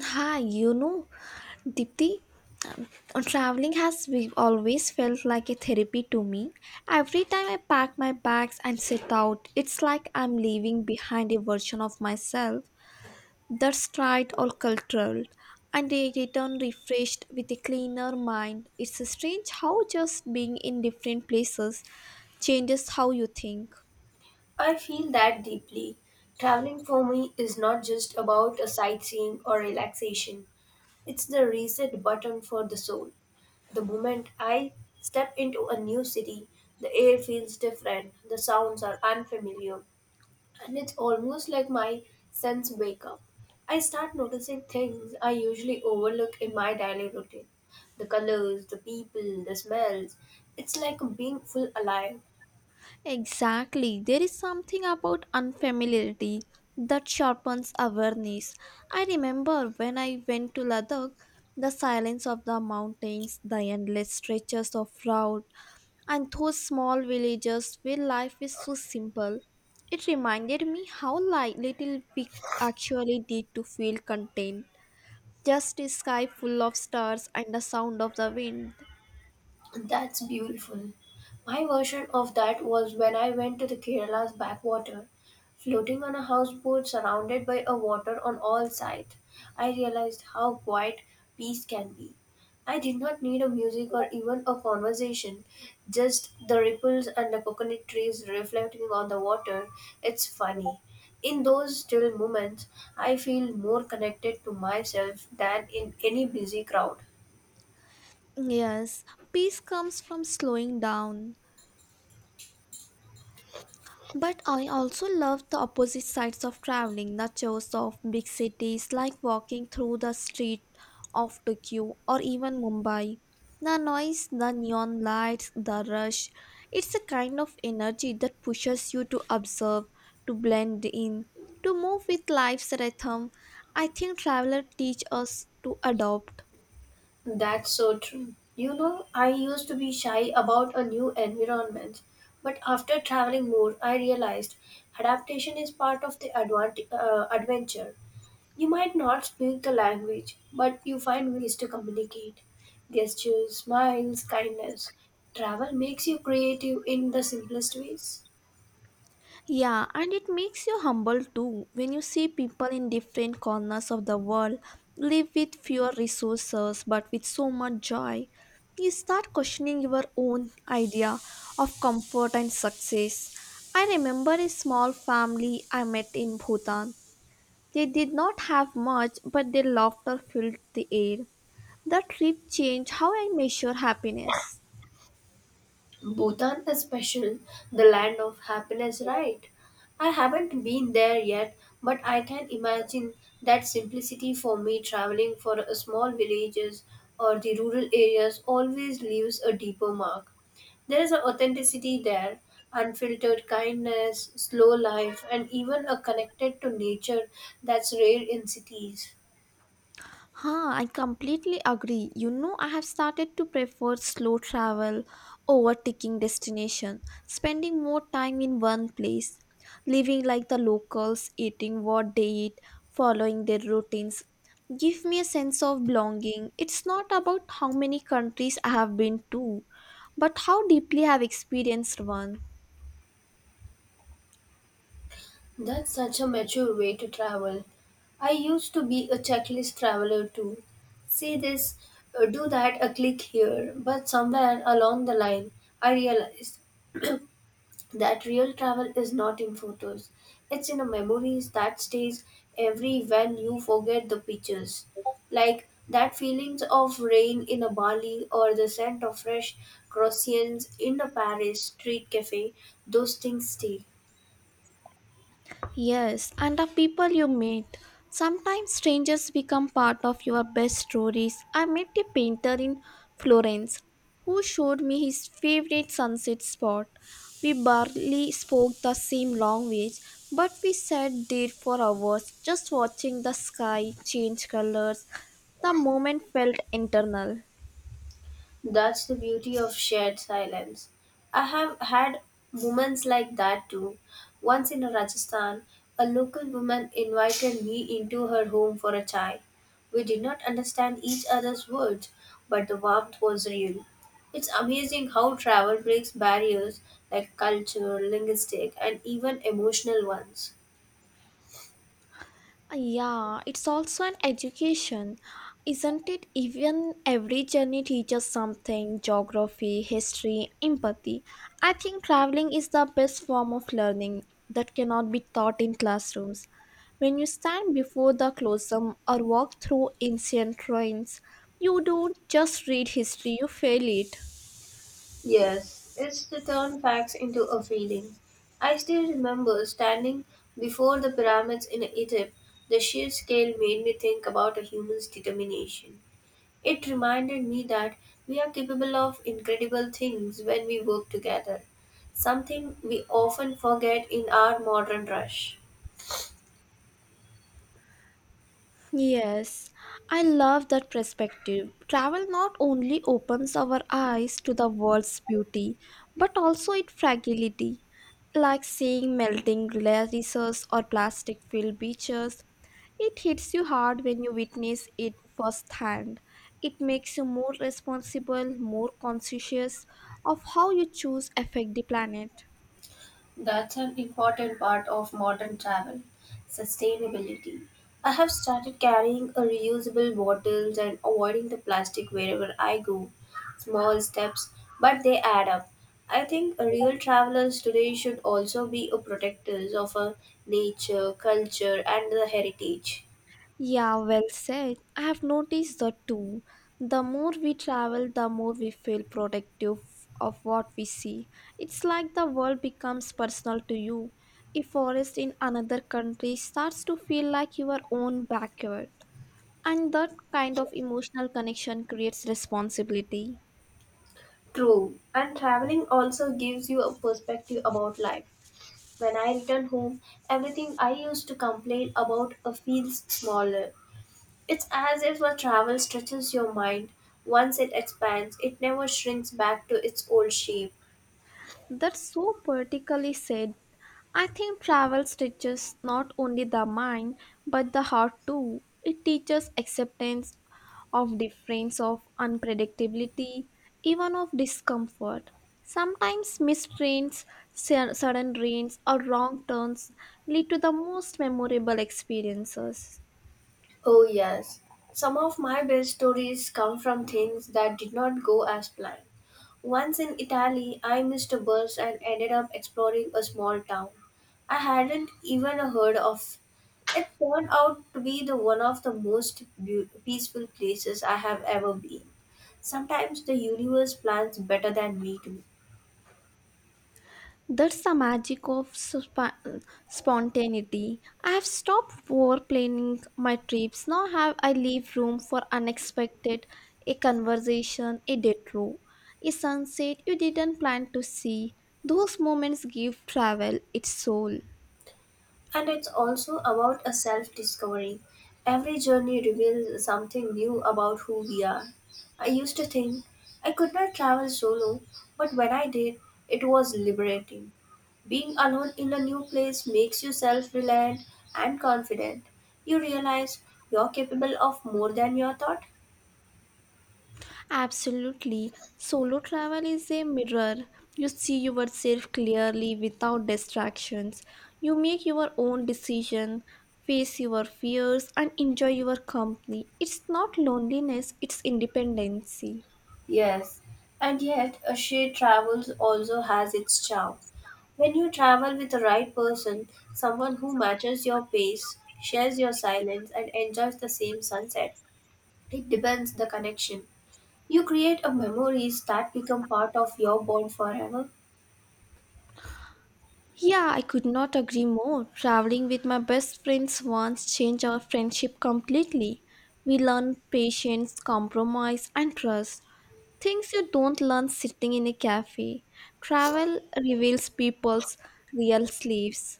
Hi, Dipti, um, traveling always felt like a therapy to me. Every time I pack my bags and set out, it's like I'm leaving behind a version of myself that's tried or cultural, and I return refreshed with a cleaner mind. It's strange how just being in different places changes how you think. I feel that deeply. Traveling for me is not just about a sightseeing or relaxation. It's the reset button for the soul. The moment I step into a new city, the air feels different, the sounds are unfamiliar, and it's almost like my sense wake up. I start noticing things I usually overlook in my daily routine. The colors, the people, the smells. It's like being full alive. Exactly. There is something about unfamiliarity that sharpens awareness. I remember when I went to Ladakh, the silence of the mountains, the endless stretches of road, and those small villages where life is so simple. It reminded me how little we actually need to feel content. Just a sky full of stars and the sound of the wind. That's beautiful. My version of that was when I went to the Kerala's backwater, floating on a houseboat surrounded by a water on all sides. I realized how quiet peace can be. I did not need a music or even a conversation, just the ripples and the coconut trees reflecting on the water. It's funny. In those still moments, I feel more connected to myself than in any busy crowd. Yes, peace comes from slowing down. But I also love the opposite sides of traveling, the chores of big cities, like walking through the street of Tokyo or even Mumbai. The noise, the neon lights, the rush. It's a kind of energy that pushes you to observe, to blend in, to move with life's rhythm. I think travelers teach us to adopt. That's so true. You know, I used to be shy about a new environment, but after traveling more, I realized adaptation is part of the adventure. You might not speak the language, but you find ways to communicate. Gestures, smiles, kindness. Travel makes you creative in the simplest ways. Yeah, and it makes you humble too when you see people in different corners of the world live with fewer resources but with so much joy. You start questioning your own idea of comfort and success. I remember a small family I met in Bhutan. They did not have much, but their laughter filled the air. That trip changed how I measure happiness. Bhutan is special, the land of happiness, right? I haven't been there yet, but I can imagine that simplicity for me traveling for a small villages or the rural areas always leaves a deeper mark. There is an authenticity there, unfiltered kindness, slow life, and even a connected to nature that's rare in cities. Huh, I completely agree. You know, I have started to prefer slow travel over ticking destination, spending more time in one place, living like the locals, eating what they eat, following their routines. Give me a sense of belonging. It's not about how many countries I have been to, but how deeply I have experienced one. That's such a mature way to travel. I used to be a checklist traveler too. See this, do that, a click here. But somewhere along the line, I realized that real travel is not in photos. It's in the memories that stays every when you forget the pictures. Like that feelings of rain in a Bali or the scent of fresh croissants in a Paris street cafe, those things stay. Yes, and the people you meet. Sometimes strangers become part of your best stories. I met a painter in Florence who showed me his favorite sunset spot. We barely spoke the same language, but we sat there for hours just watching the sky change colors. The moment felt internal. That's the beauty of shared silence. I have had moments like that too. Once in Rajasthan, a local woman invited me into her home for a chai. We did not understand each other's words, but the warmth was real. It's amazing how travel breaks barriers like culture, linguistic, and even emotional ones. Yeah, it's also an education, isn't it? Even every journey teaches something geography, history, empathy. I think traveling is the best form of learning that cannot be taught in classrooms. When you stand before the Colosseum or walk through ancient ruins, you don't just read history, you feel it. Yes, it's to turn facts into a feeling. I still remember standing before the pyramids in Egypt. The sheer scale made me think about a human's determination. It reminded me that we are capable of incredible things when we work together, something we often forget in our modern rush. Yes, I love that perspective. Travel not only opens our eyes to the world's beauty, but also its fragility, like seeing melting glaciers or plastic filled beaches. It hits you hard when you witness it firsthand. It makes you more responsible, more conscious of how you choose affect the planet. That's an important part of modern travel sustainability. I have started carrying a reusable bottles and avoiding the plastic wherever I go. Small steps, but they add up. I think real travelers today should also be a protectors of our nature, culture, and the heritage. Yeah, well said. I have noticed that too. The more we travel, the more we feel protective of what we see. It's like the world becomes personal to you. A forest in another country starts to feel like your own backyard. And that kind of emotional connection creates responsibility. True, and traveling also gives you a perspective about life. When I return home, everything I used to complain about feels smaller. It's as if a travel stretches your mind. Once it expands, it never shrinks back to its old shape. That's so poetically said. I think travel stretches not only the mind but the heart too. It teaches acceptance of difference, of unpredictability, even of discomfort. Sometimes missed trains, sudden rains, or wrong turns lead to the most memorable experiences. Oh, yes. Some of my best stories come from things that did not go as planned. Once in Italy, I missed a bus and ended up exploring a small town. I hadn't even heard of. It turned out to be the one of the most peaceful places I have ever been. Sometimes the universe plans better than we do. That's the magic of spontaneity. I have stopped over planning my trips. Now have I leave room for unexpected, a conversation, a detour, a sunset you didn't plan to see. Those moments give travel its soul. And it's also about a self discovery. Every journey reveals something new about who we are. I used to think I could not travel solo, but when I did, it was liberating. Being alone in a new place makes you self reliant and confident. You realize you're capable of more than you thought. Absolutely. Solo travel is a mirror. You see yourself clearly without distractions. You make your own decision, face your fears, and enjoy your company. It's not loneliness, it's independency. Yes, and yet a shared travel also has its charm. When you travel with the right person, someone who matches your pace, shares your silence, and enjoys the same sunset, it depends the connection. You create a memories that become part of your bond forever. Yeah, I could not agree more. Traveling with my best friends once changed our friendship completely. We learned patience, compromise, and trust. Things you don't learn sitting in a cafe. Travel reveals people's real sleeves.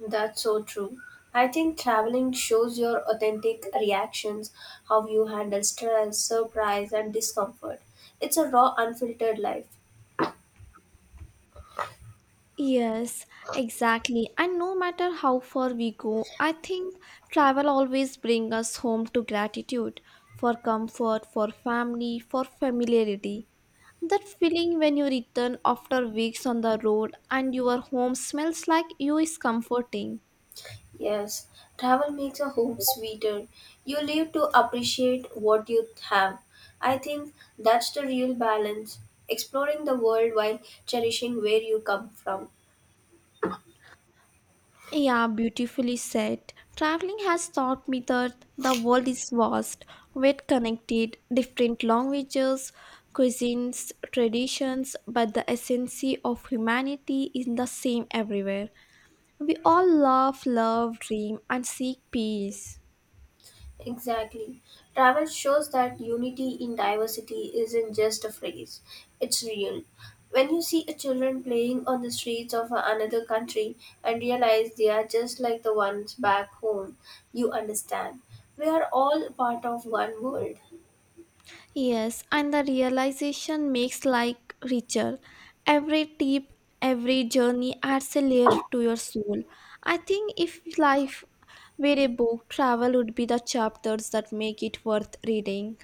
That's so true. I think traveling shows your authentic reactions, how you handle stress, surprise, and discomfort. It's a raw, unfiltered life. Yes, exactly. And no matter how far we go, I think travel always brings us home to gratitude for comfort, for family, for familiarity. That feeling when you return after weeks on the road and your home smells like you is comforting. Yes, travel makes a home sweeter. You live to appreciate what you have. I think that's the real balance. Exploring the world while cherishing where you come from. Yeah, beautifully said. Traveling has taught me that the world is vast, yet connected, different languages, cuisines, traditions, but the essence of humanity is the same everywhere. We all love, love, dream, and seek peace. Exactly. Travel shows that unity in diversity isn't just a phrase, it's real. When you see a children playing on the streets of another country and realize they are just like the ones back home, you understand. We are all part of one world. Yes, and the realization makes life richer. Every tip, every journey adds a layer to your soul. I think if life were a book, travel would be the chapters that make it worth reading.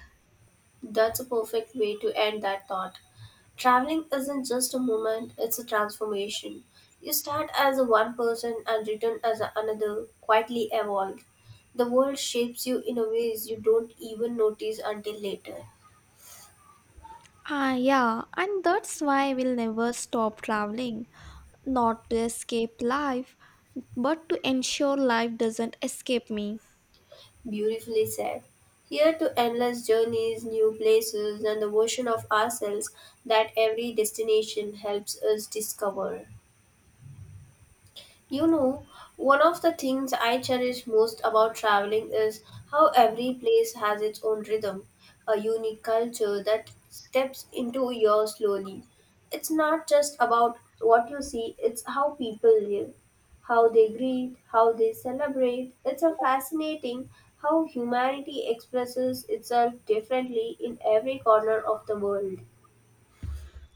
That's a perfect way to end that thought. Traveling isn't just a moment, it's a transformation. You start as a one person and return as a another, quietly evolve. The world shapes you in a ways you don't even notice until later. Ah, yeah, and that's why we'll never stop traveling. Not to escape life, but to ensure life doesn't escape me. Beautifully said. Here to endless journeys, new places, and the version of ourselves that every destination helps us discover. You know, one of the things I cherish most about traveling is how every place has its own rhythm, a unique culture that steps into your slowly. It's not just about what you see, it's how people live, how they greet, how they celebrate. It's a fascinating how humanity expresses itself differently in every corner of the world.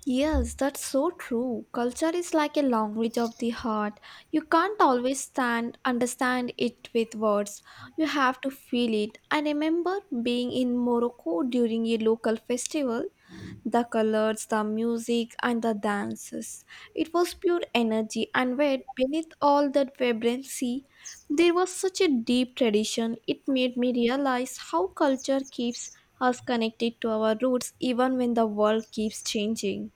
Yes, that's so true. Culture is like a language of the heart. You can't always stand understand it with words. You have to feel it. I remember being in Morocco during a local festival. The colors, the music, and the dances. It was pure energy, and yet beneath all that vibrancy, there was such a deep tradition. It made me realize how culture keeps us connected to our roots even when the world keeps changing.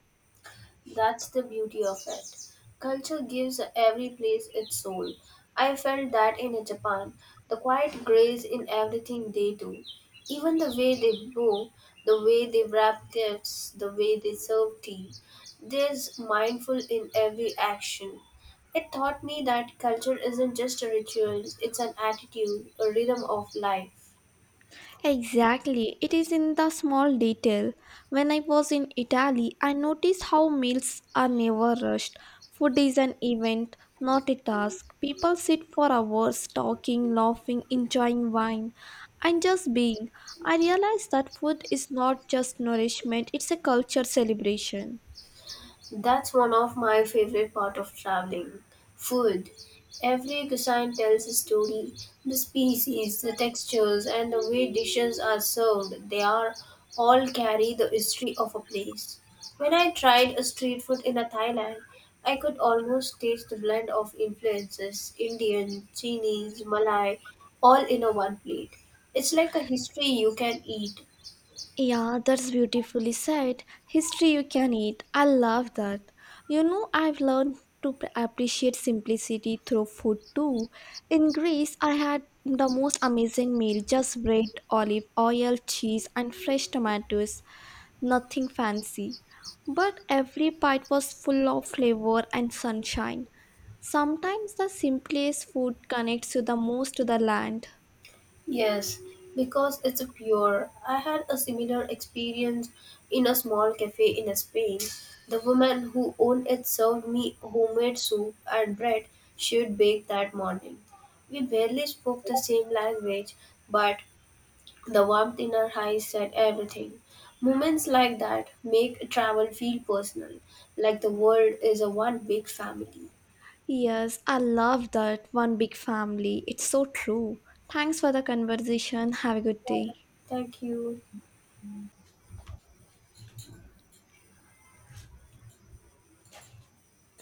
That's the beauty of it. Culture gives every place its soul. I felt that in Japan, the quiet grace in everything they do. Even the way they brew, the way they wrap gifts, the way they serve tea. There's mindful in every action. It taught me that culture isn't just a ritual, it's an attitude, a rhythm of life. Exactly, it is in the small detail. When I was in Italy, I noticed how meals are never rushed. Food is an event, not a task. People sit for hours talking, laughing, enjoying wine, and just being. I realized that food is not just nourishment, it's a culture celebration. That's one of my favorite part of traveling. Food. Every cuisine tells a story. The species, the textures, and the way dishes are served, they are all carry the history of a place. When I tried a street food in a Thailand, I could almost taste the blend of influences, Indian, Chinese, Malay, all in a one plate. It's like a history you can eat. Yeah, that's beautifully said. History you can eat. I love that. You know, I've learned to appreciate simplicity through food too. In Greece, I had the most amazing meal just bread, olive oil, cheese, and fresh tomatoes. Nothing fancy. But every bite was full of flavor and sunshine. Sometimes the simplest food connects you the most to the land. Yes, because it's pure. I had a similar experience in a small cafe in Spain. The woman who owned it served me homemade soup and bread she'd baked that morning. We barely spoke the same language, but the warmth in her eyes said everything. Moments like that make travel feel personal, like the world is a one big family. Yes, I love that one big family. It's so true. Thanks for the conversation. Have a good day. Thank you.